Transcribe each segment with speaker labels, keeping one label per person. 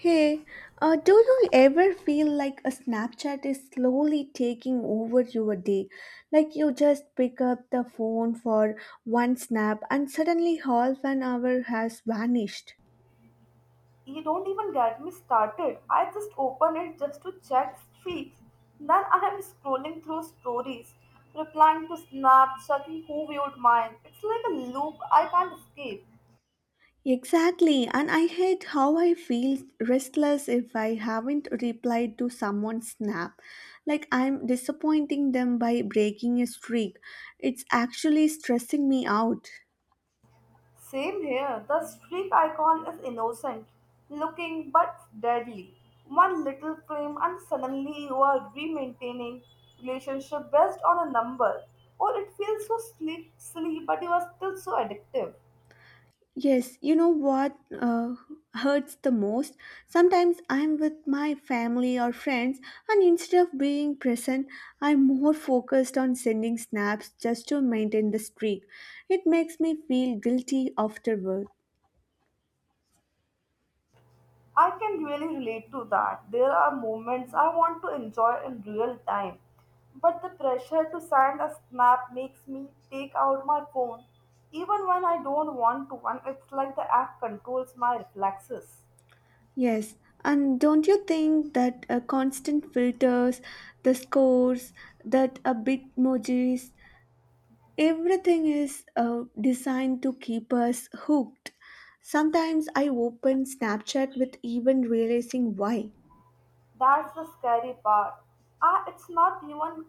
Speaker 1: Hey, do you ever feel like a Snapchat is slowly taking over your day? Like you just pick up the phone for one snap and suddenly half an hour has vanished.
Speaker 2: You don't even get me started. I just open it just to check streaks. Then I am scrolling through stories, replying to snaps, checking who viewed mine. It's like a loop I can't escape.
Speaker 1: Exactly, and I hate how I feel restless if I haven't replied to someone's snap. Like I'm disappointing them by breaking a streak. It's actually stressing me out.
Speaker 2: Same here, the streak icon is innocent looking but deadly. One little claim, and suddenly you are re-maintaining relationship based on a number. Or it feels so sleep, but you are still so addictive.
Speaker 1: Yes, you know what hurts the most? Sometimes I'm with my family or friends, and instead of being present, I'm more focused on sending snaps just to maintain the streak. It makes me feel guilty afterward.
Speaker 2: I can really relate to that. There are moments I want to enjoy in real time, but the pressure to send a snap makes me take out my phone even when I don't want to, and it's like the app controls my reflexes.
Speaker 1: Yes, and don't you think that constant filters, the scores, that a bit emojis, everything is designed to keep us hooked. Sometimes I open Snapchat with even realizing why.
Speaker 2: That's the scary part. Ah, it's not even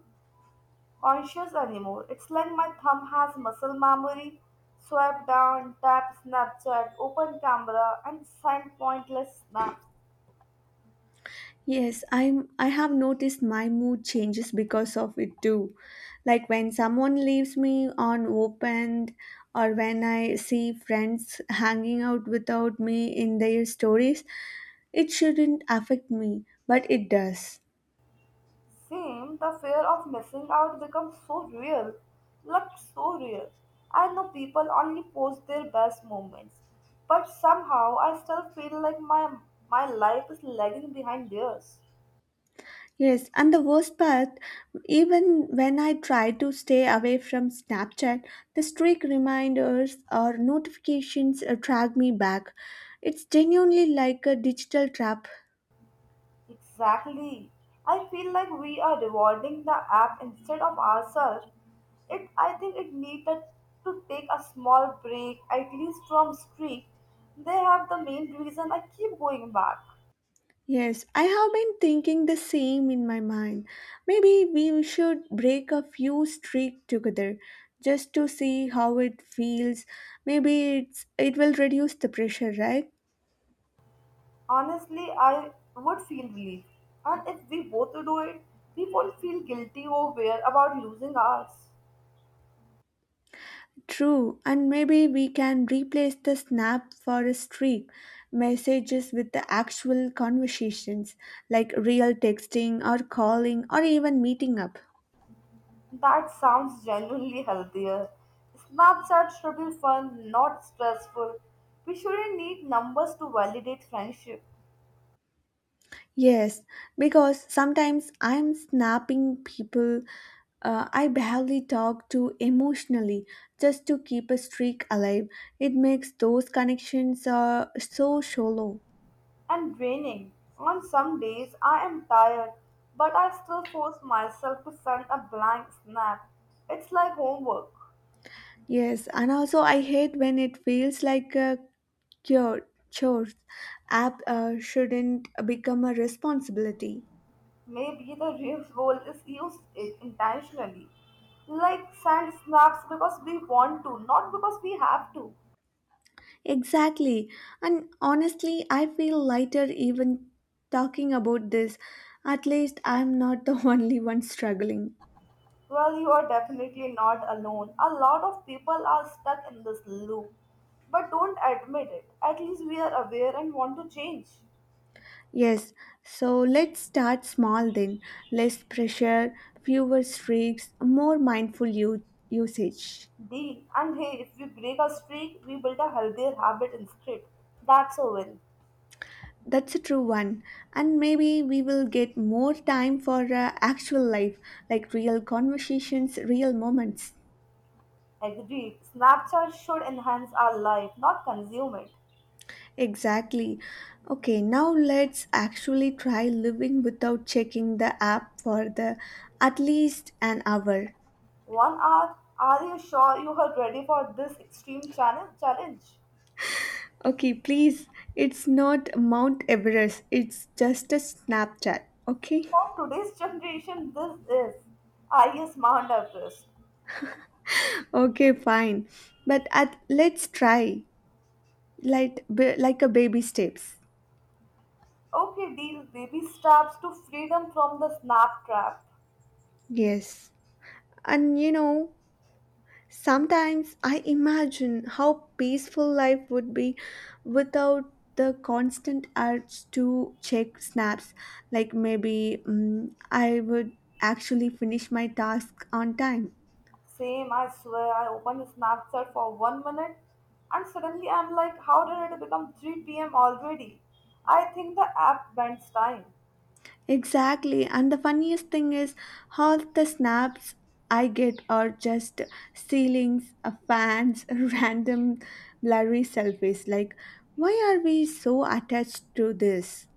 Speaker 2: conscious anymore. It's like my thumb has muscle memory. Swipe down, tap Snapchat, open camera, and send pointless snaps.
Speaker 1: Yes, I have noticed my mood changes because of it too. Like when someone leaves me on opened or when I see friends hanging out without me in their stories, it shouldn't affect me, but it does.
Speaker 2: Same, the fear of missing out becomes so real, like so real. I know people only post their best moments, but somehow I still feel like my life is lagging behind theirs.
Speaker 1: Yes, and the worst part, even when I try to stay away from Snapchat, the streak reminders or notifications drag me back. It's genuinely like a digital trap.
Speaker 2: Exactly. I feel like we are rewarding the app instead of ourselves. It I think it needed to take a small break at least from streak. They have the main reason I keep going back.
Speaker 1: Yes, I have been thinking the same in my mind. Maybe we should break a few streak together just to see how it feels. Maybe it will reduce the pressure, right?
Speaker 2: Honestly, I would feel relief. And if we both do it, we won't feel guilty or weird about losing ours.
Speaker 1: True, and maybe we can replace the snap for a streak messages with the actual conversations like real texting or calling or even meeting up.
Speaker 2: That sounds genuinely healthier. Snapchat should be fun, not stressful. We shouldn't need numbers to validate friendship.
Speaker 1: Yes, because sometimes I'm snapping people I barely talk to emotionally just to keep a streak alive. It makes those connections so shallow.
Speaker 2: And draining. On some days, I am tired, but I still force myself to send a blank snap. It's like homework.
Speaker 1: Yes, and also I hate when it feels like a cure, chores app shouldn't become a responsibility.
Speaker 2: Maybe the real goal is used it intentionally, like sand snaps because we want to, not because we have to.
Speaker 1: Exactly. And honestly, I feel lighter even talking about this. At least I'm not the only one struggling.
Speaker 2: Well, you are definitely not alone. A lot of people are stuck in this loop, but don't admit it. At least we are aware and want to change.
Speaker 1: Yes, so let's start small then. Less pressure, fewer streaks, more mindful usage.
Speaker 2: Deal. And hey, if we break a streak, we build a healthier habit instead. That's a win.
Speaker 1: That's a true one. And maybe we will get more time for actual life, like real conversations, real moments.
Speaker 2: Agreed. Snapchat should enhance our life, not consume it.
Speaker 1: Exactly. Okay, now let's actually try living without checking the app for the at least an hour.
Speaker 2: 1 hour? Are you sure you are ready for this extreme challenge? Challenge
Speaker 1: Okay, please. It's not Mount Everest. It's just a Snapchat. Okay?
Speaker 2: for today's generation. This is I is Mount Everest.
Speaker 1: Okay, fine. But at let's try like like a baby steps.
Speaker 2: Okay, deal. Baby steps to freedom from the snap trap.
Speaker 1: Yes. And you know, sometimes I imagine how peaceful life would be without the constant urge to check snaps. Like maybe I would actually finish my task on time.
Speaker 2: Same, I swear. I opened Snapchat for 1 minute, and suddenly I'm like, how did it become 3 p.m. already? I think the app bends time.
Speaker 1: Exactly. And the funniest thing is how the snaps I get are just ceilings, fans, random blurry selfies. Like, why are we so attached to this?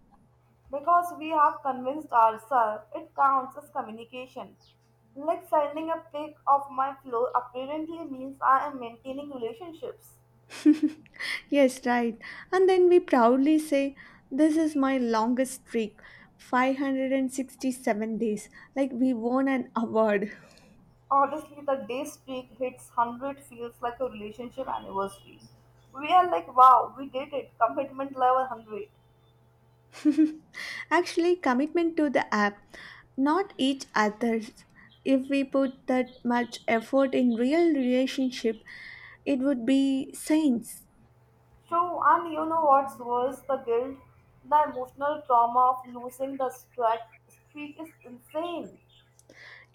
Speaker 2: Because we have convinced ourselves it counts as communication. Like sending a pic of my floor apparently means I am maintaining relationships.
Speaker 1: Yes, right. And then we proudly say, "This is my longest streak, 567 days." Like we won an award.
Speaker 2: Honestly, the day streak hits 100 feels like a relationship anniversary. We are like, wow, we did it. Commitment level 100.
Speaker 1: Actually, commitment to the app, not each other's. If we put that much effort in real relationship, it would be saints.
Speaker 2: True, and you know what's worse? The guilt, the emotional trauma of losing the streak is insane.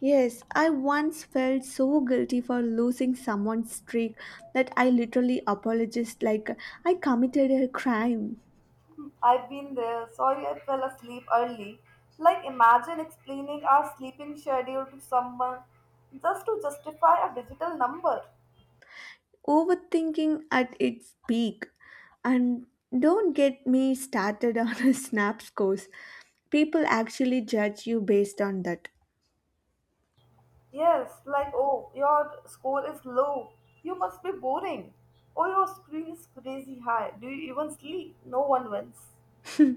Speaker 1: Yes, I once felt so guilty for losing someone's streak that I literally apologized like I committed a crime.
Speaker 2: I've been there. Sorry I fell asleep early. Like, imagine explaining our sleeping schedule to someone just to justify a digital number.
Speaker 1: Overthinking at its peak. And don't get me started on a snap scores. People actually judge you based on that.
Speaker 2: Yes, like, oh, your score is low. You must be boring. Oh, your screen is crazy high. Do you even sleep? No one wins.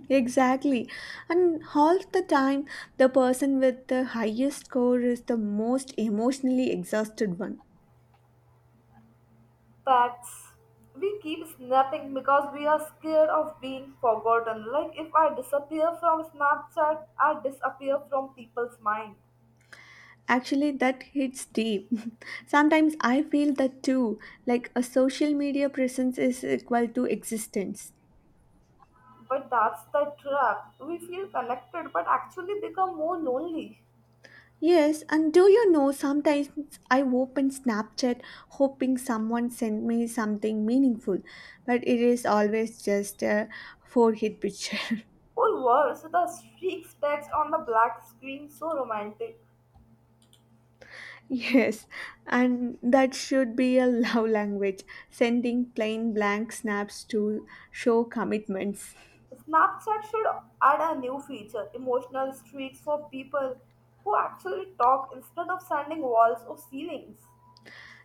Speaker 1: Exactly. And half the time, the person with the highest score is the most emotionally exhausted one.
Speaker 2: Facts. We keep snapping because we are scared of being forgotten. Like, if I disappear from Snapchat, I disappear from people's mind.
Speaker 1: Actually, that hits deep. Sometimes I feel that too, like a social media presence is equal to existence.
Speaker 2: But that's the trap. We feel connected but actually become more lonely.
Speaker 1: Yes, and do you know sometimes I open Snapchat hoping someone sent me something meaningful, but it is always just a forehead picture.
Speaker 2: Or worse, the streaks text on the black screen so romantic.
Speaker 1: Yes, and that should be a love language, sending plain blank snaps to show commitments.
Speaker 2: Snapchat should add a new feature emotional streaks for people who actually talk instead of sending walls or ceilings.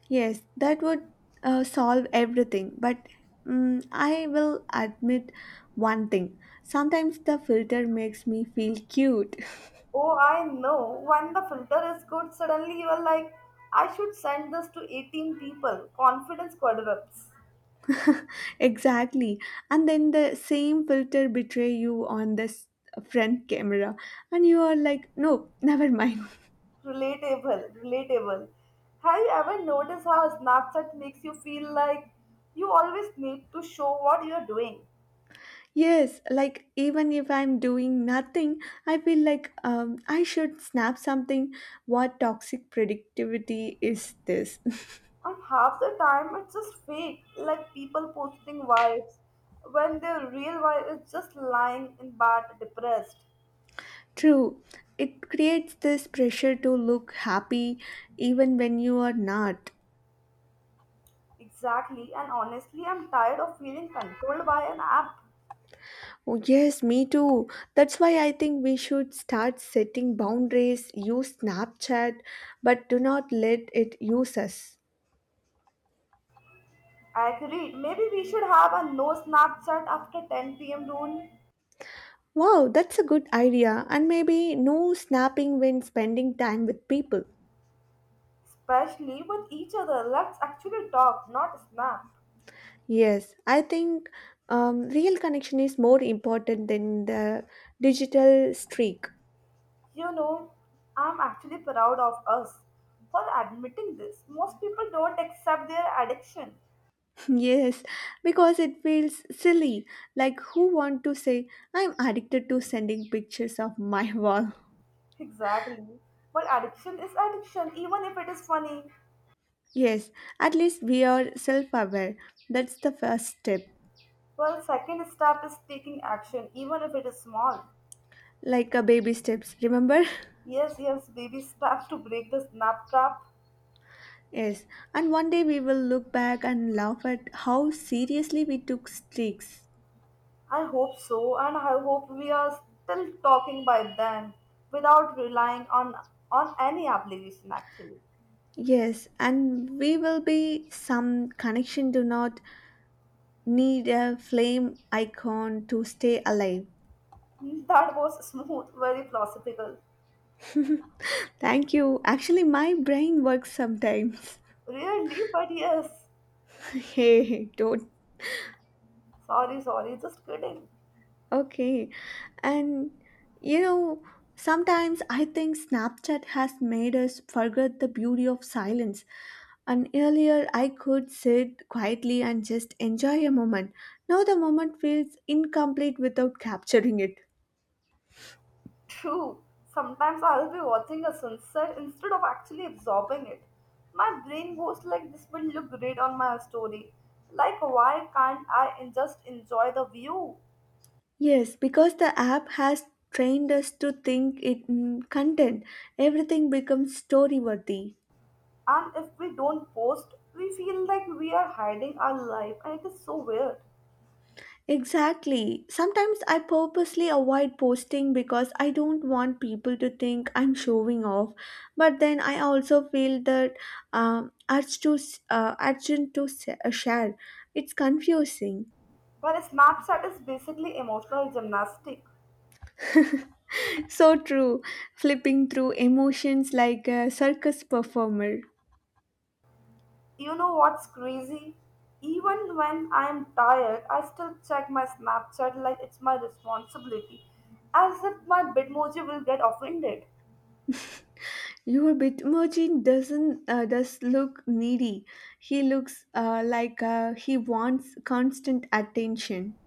Speaker 1: Yes, that would solve everything, but I will admit one thing. Sometimes the filter makes me feel cute.
Speaker 2: Oh, I know. When the filter is good, suddenly you are like, I should send this to 18 people. Confidence quadruples.
Speaker 1: Exactly. And then the same filter betray you on this front camera, and you are like, no, never mind.
Speaker 2: Relatable, relatable. Have you ever noticed how Snapchat makes you feel like you always need to show what you're doing?
Speaker 1: Yes, like even if I'm doing nothing, I feel like I should snap something. What toxic productivity is this?
Speaker 2: And half the time it's just fake, like people posting vibes when their real vibe is just lying in bed depressed.
Speaker 1: True, it creates this pressure to look happy even when you are not.
Speaker 2: Exactly, and honestly, I'm tired of feeling controlled by an app.
Speaker 1: Oh, yes, me too. That's why I think we should start setting boundaries, use Snapchat, but do not let it use us.
Speaker 2: Agreed, maybe we should have a no Snapchat after 10 p.m. rule,
Speaker 1: Wow, that's a good idea. And maybe no snapping when spending time with people.
Speaker 2: especially with each other. Let's actually talk, not snap.
Speaker 1: Yes, I think real connection is more important than the digital streak.
Speaker 2: You know, I'm actually proud of us for admitting this. Most people don't accept their addiction.
Speaker 1: Yes, because it feels silly. Like, who want to say, I'm addicted to sending pictures of my wall?
Speaker 2: Exactly. But addiction is addiction, even if it is funny.
Speaker 1: Yes, at least we are self aware. That's the first step.
Speaker 2: Well, second step is taking action, even if it is small.
Speaker 1: Like a baby steps, remember?
Speaker 2: Yes, yes, baby steps to break the snap trap.
Speaker 1: Yes, and one day we will look back and laugh at how seriously we took streaks.
Speaker 2: I hope so, and I hope we are still talking by then without relying on any obligation actually.
Speaker 1: Yes, and we will be some connection do not need a flame icon to stay alive.
Speaker 2: That was smooth, very philosophical.
Speaker 1: Thank you. Actually, my brain works sometimes.
Speaker 2: Really, but yes.
Speaker 1: Hey, don't.
Speaker 2: Sorry, sorry, just kidding.
Speaker 1: Okay. And you know, sometimes I think Snapchat has made us forget the beauty of silence. And earlier I could sit quietly and just enjoy a moment. Now the moment feels incomplete without capturing it.
Speaker 2: True. Sometimes I'll be watching a sunset instead of actually absorbing it. My brain goes like this will look great on my story. Like, why can't I just enjoy the view?
Speaker 1: Yes, because the app has trained us to think it in content, everything becomes story worthy.
Speaker 2: And if we don't post, we feel like we are hiding our life and it is so weird.
Speaker 1: Exactly. Sometimes I purposely avoid posting because I don't want people to think I'm showing off. But then I also feel that urge to s- urgent to s- share. It's confusing.
Speaker 2: But Snapchat is basically emotional gymnastic.
Speaker 1: So true. Flipping through emotions like a circus performer.
Speaker 2: You know what's crazy? Even when I'm tired, I still check my Snapchat like it's my responsibility, as if my Bitmoji will get offended.
Speaker 1: Your Bitmoji doesn't does look needy. He looks like he wants constant attention.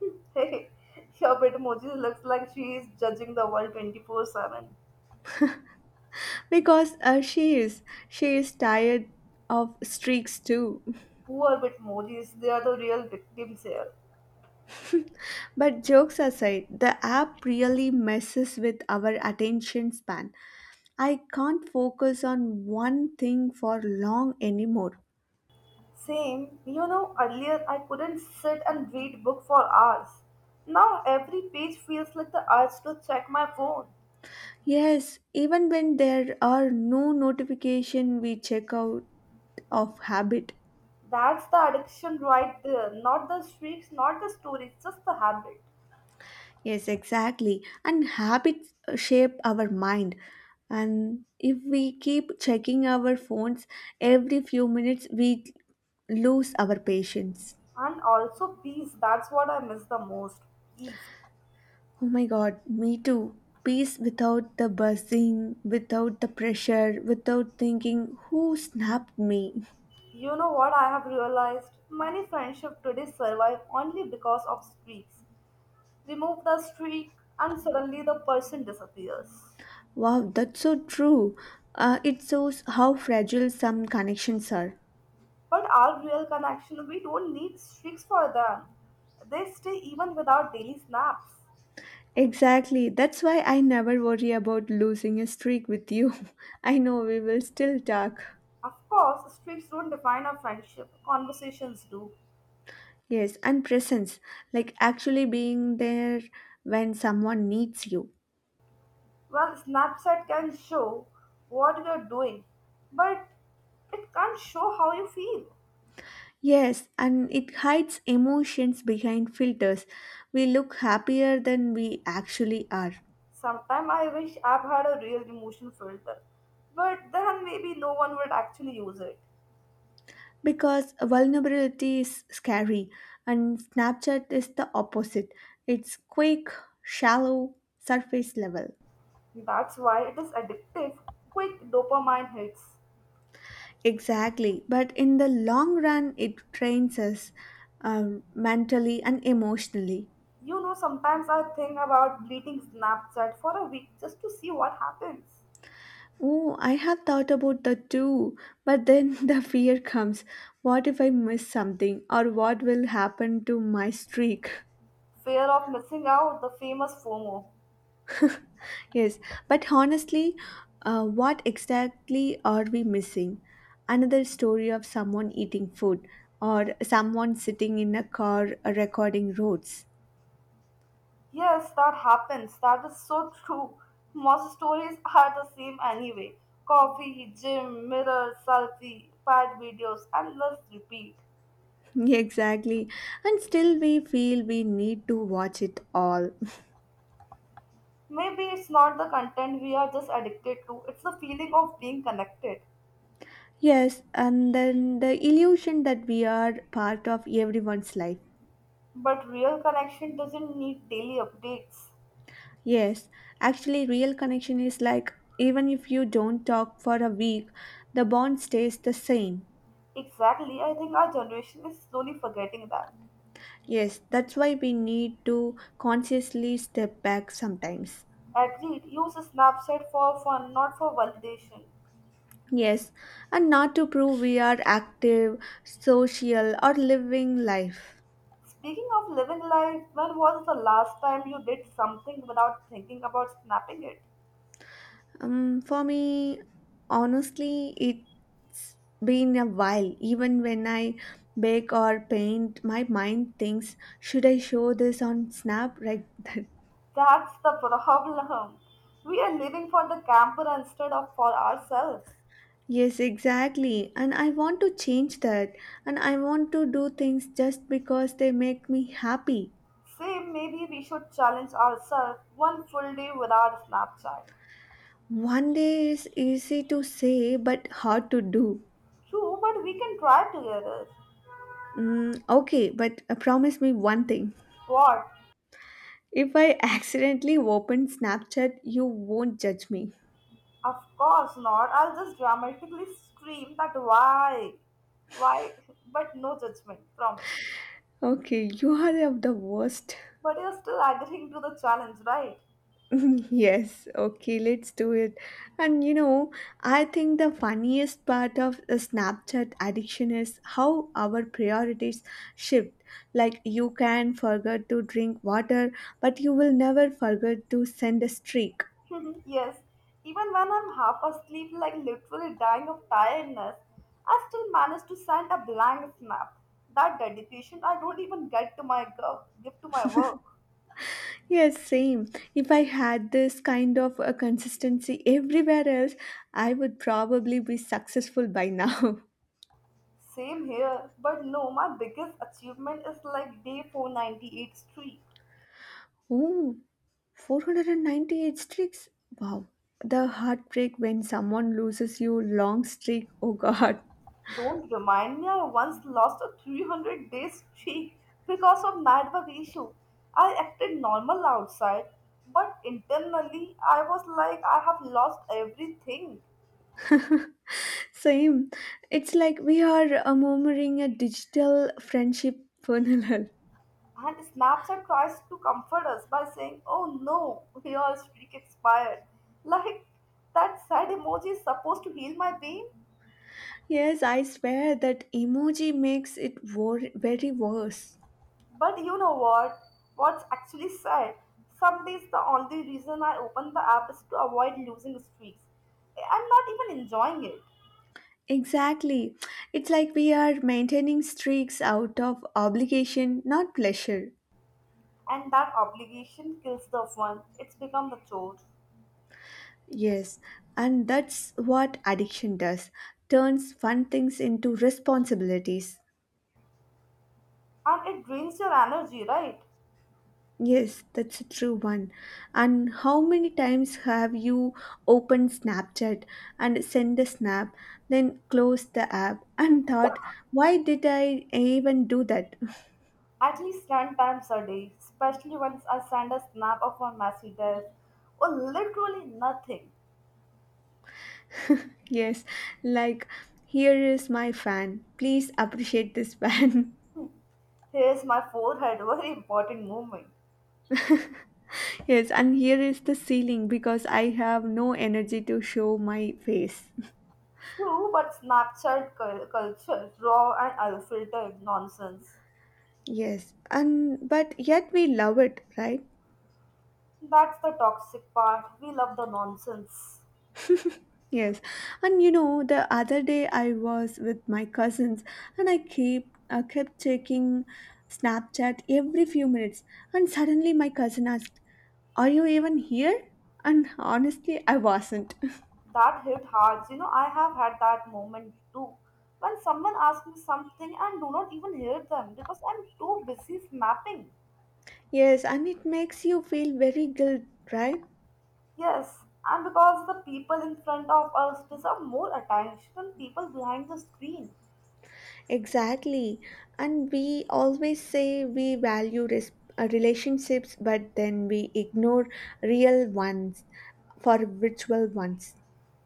Speaker 2: Hey, your Bitmoji looks like she is judging the world 24/7.
Speaker 1: Because she is. She is tired of streaks too.
Speaker 2: Poor Bitmojis, they are the real victims here.
Speaker 1: But jokes aside, the app really messes with our attention span. I can't focus on one thing for long anymore.
Speaker 2: Same, you know, earlier I couldn't sit and read book for hours. Now every page feels like the urge to check my phone.
Speaker 1: Yes, even when there are no notification we check out of habit.
Speaker 2: That's the addiction right there. Not the streaks, not the stories, just the habit.
Speaker 1: Yes, exactly. And habits shape our mind. And if we keep checking our phones every few minutes, we lose our patience.
Speaker 2: And also peace. That's what I miss the most. Peace.
Speaker 1: Oh my god, me too. Peace without the buzzing, without the pressure, without thinking, who snapped me?
Speaker 2: You know what I have realized? Many friendships today survive only because of streaks. Remove the streak and suddenly the person disappears.
Speaker 1: Wow, that's so true. It shows how fragile some connections are.
Speaker 2: But our real connection, we don't need streaks for them. They stay even without daily snaps.
Speaker 1: Exactly. That's why I never worry about losing a streak with you. I know we will still talk.
Speaker 2: Of course, streaks don't define our friendship, conversations do.
Speaker 1: Yes, and presence, like actually being there when someone needs you.
Speaker 2: Well, Snapchat can show what you're doing, but it can't show how you feel.
Speaker 1: Yes, and it hides emotions behind filters. We look happier than we actually are,
Speaker 2: Sometimes I wish app had a real emotion filter, but then maybe no one would actually use it.
Speaker 1: because vulnerability is scary, and Snapchat is the opposite. It's quick, shallow, surface level.
Speaker 2: That's why it is addictive. Quick dopamine hits.
Speaker 1: Exactly. But in the long run, it trains us uh, mentally and emotionally.
Speaker 2: You know, sometimes I think about deleting Snapchat for a week just to see what happens.
Speaker 1: Oh, I have thought about that too. But then the fear comes, what if I miss something or what will happen to my streak?
Speaker 2: Fear of missing out, the famous FOMO.
Speaker 1: Yes. But honestly, what exactly are we missing? Another story of someone eating food or someone sitting in a car recording roads.
Speaker 2: Yes, that happens. That is so true. Most stories are the same anyway. Coffee, gym, mirror, selfie, bad videos, and let's repeat.
Speaker 1: Exactly. And still we feel we need to watch it all.
Speaker 2: Maybe it's not the content we are just addicted to, it's the feeling of being connected.
Speaker 1: Yes, and then the illusion that we are part of everyone's life.
Speaker 2: But real connection doesn't need daily updates.
Speaker 1: Yes, actually, real connection is like even if you don't talk for a week, the bond stays the same.
Speaker 2: Exactly, I think our generation is slowly forgetting that.
Speaker 1: Yes, that's why we need to consciously step back sometimes.
Speaker 2: Agreed, use Snapchat for fun, not for validation.
Speaker 1: Yes, and not to prove we are active, social, or living life.
Speaker 2: Speaking of living life, when was the last time you did something without thinking about snapping it?
Speaker 1: For me, honestly, it been a while. Even when I bake or paint, my mind thinks, should I show this on Snap? Right.
Speaker 2: That's the problem. We are living for the camper instead of for ourselves.
Speaker 1: Yes, exactly. And I want to change that. And I want to do things just because they make me happy.
Speaker 2: Say, maybe we should challenge ourselves one full day without Snapchat.
Speaker 1: One day is easy to say, but hard to do.
Speaker 2: True, but we can try together.
Speaker 1: Okay, but promise me one thing.
Speaker 2: What?
Speaker 1: If I accidentally open Snapchat, you won't judge me.
Speaker 2: Of course not. I'll just dramatically scream that why? Why? But no judgment, promise.
Speaker 1: Okay, you are of the worst.
Speaker 2: But you're still agreeing to the challenge, right?
Speaker 1: Yes, okay, let's do it. And you know, I think the funniest part of the Snapchat addiction is how our priorities shift. Like, you can forget to drink water, but you will never forget to send a streak.
Speaker 2: Yes, even when I'm half asleep, like literally dying of tiredness, I still manage to send a blank snap. That dedication I don't even get to my give to my work.
Speaker 1: Yes, same. If I had this kind of a consistency everywhere else, I would probably be successful by now.
Speaker 2: Same here, but no, my biggest achievement is like day 498 streak.
Speaker 1: Oh, 498 streaks? Wow. The heartbreak when someone loses you long streak. Oh god.
Speaker 2: Don't remind me, I once lost a 300-day streak because of network issue. I acted normal outside, but internally I was like I have lost everything.
Speaker 1: Same. It's like we are murmuring a digital friendship funeral.
Speaker 2: And Snapchat tries to comfort us by saying, oh no, your streak expired. Like, that sad emoji is supposed to heal my pain.
Speaker 1: Yes, I swear that emoji makes it very worse.
Speaker 2: But you know what? What's actually sad? Some days the only reason I open the app is to avoid losing streaks. I'm not even enjoying it.
Speaker 1: Exactly. It's like we are maintaining streaks out of obligation, not pleasure.
Speaker 2: And that obligation kills the fun. It's become the chore.
Speaker 1: Yes, and that's what addiction does, turns fun things into responsibilities.
Speaker 2: And it drains your energy, right?
Speaker 1: Yes, that's a true one. And how many times have you opened Snapchat and sent a snap, then closed the app and thought, why did I even do that?
Speaker 2: At least 10 times a day, especially once I send a snap of my messy desk or literally nothing.
Speaker 1: Yes, like here is my fan. Please appreciate this fan.
Speaker 2: Here's my forehead, very important movement.
Speaker 1: Yes, and here is the ceiling because I have no energy to show my face.
Speaker 2: True, but Snapchat culture, raw and unfiltered nonsense.
Speaker 1: Yes, and but yet we love it, right?
Speaker 2: That's the toxic part. We love the nonsense.
Speaker 1: Yes, and you know, the other day I was with my cousins, and I kept checking Snapchat every few minutes, and suddenly my cousin asked, "Are you even here?" And honestly, I wasn't.
Speaker 2: That hit hard. You know, I have had that moment too. When someone asks me something and do not even hear them because I'm too busy snapping.
Speaker 1: Yes, and it makes you feel very guilt, right?
Speaker 2: Yes, and because the people in front of us deserve more attention than people behind the screen.
Speaker 1: Exactly. And we always say we value relationships, but then we ignore real ones for virtual ones.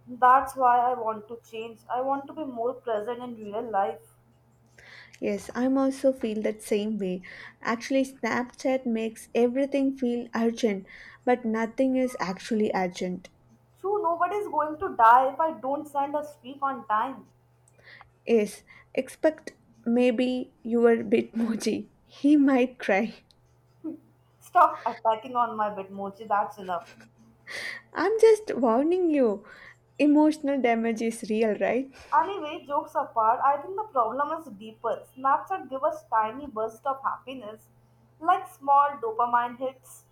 Speaker 2: That's why I want to change. I want to be more present in real life.
Speaker 1: Yes, I'm also feel that same way. Actually, Snapchat makes everything feel urgent, but nothing is actually urgent.
Speaker 2: True, nobody is going to die if I don't send a streak on time.
Speaker 1: Yes, expect maybe your Bitmoji. He might cry.
Speaker 2: Stop attacking on my Bitmoji, that's enough.
Speaker 1: I'm just warning you. Emotional damage is real, right?
Speaker 2: Anyway, jokes apart, I think the problem is deeper. Snapchat give us tiny bursts of happiness, like small dopamine hits.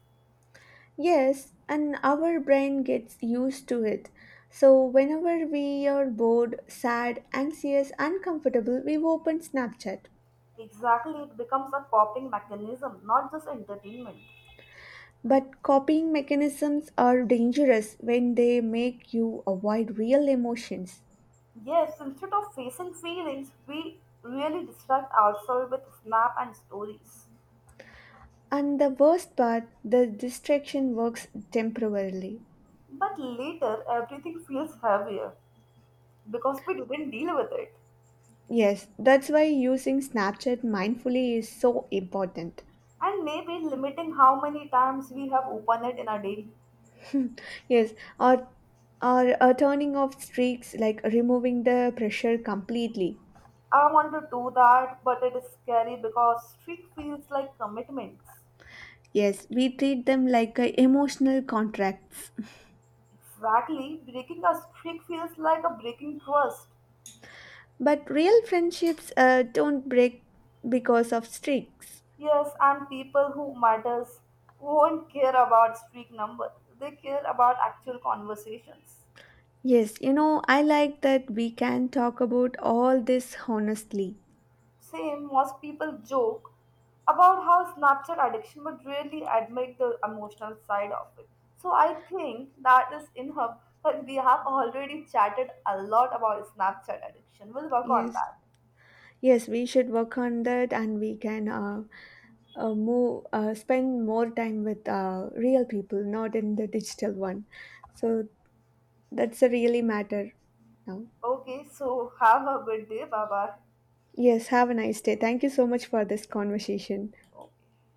Speaker 1: Yes, and our brain gets used to it. So, whenever we are bored, sad, anxious, uncomfortable, we open Snapchat.
Speaker 2: Exactly, it becomes a coping mechanism, not just entertainment.
Speaker 1: But copying mechanisms are dangerous when they make you avoid real emotions.
Speaker 2: Yes, instead of facing feelings, we really distract ourselves with snap and stories.
Speaker 1: And the worst part, the distraction works temporarily.
Speaker 2: But later, everything feels heavier because we didn't deal with it.
Speaker 1: Yes, that's why using Snapchat mindfully is so important.
Speaker 2: And maybe limiting how many times we have opened it in a day.
Speaker 1: Yes, or or turning off streaks like removing the pressure completely.
Speaker 2: I want to do that, but it is scary because streak feels like commitments.
Speaker 1: Yes, we treat them like emotional contracts.
Speaker 2: Exactly, breaking a streak feels like a breaking trust.
Speaker 1: But real friendships don't break because of streaks.
Speaker 2: Yes, and people who matters won't care about streak number. They care about actual conversations.
Speaker 1: Yes, you know, I like that we can talk about all this honestly.
Speaker 2: Same, most people joke about how Snapchat addiction but really admit the emotional side of it. So I think that is enough. But we have already chatted a lot about Snapchat addiction. We'll work on
Speaker 1: Yes.
Speaker 2: that.
Speaker 1: Yes, we should work on that, and we can spend more time with real people, not in the digital one. So that's a really matter now.
Speaker 2: Okay, so have a good day. Bye bye.
Speaker 1: Yes, have a nice day. Thank you so much for this conversation.
Speaker 2: Okay.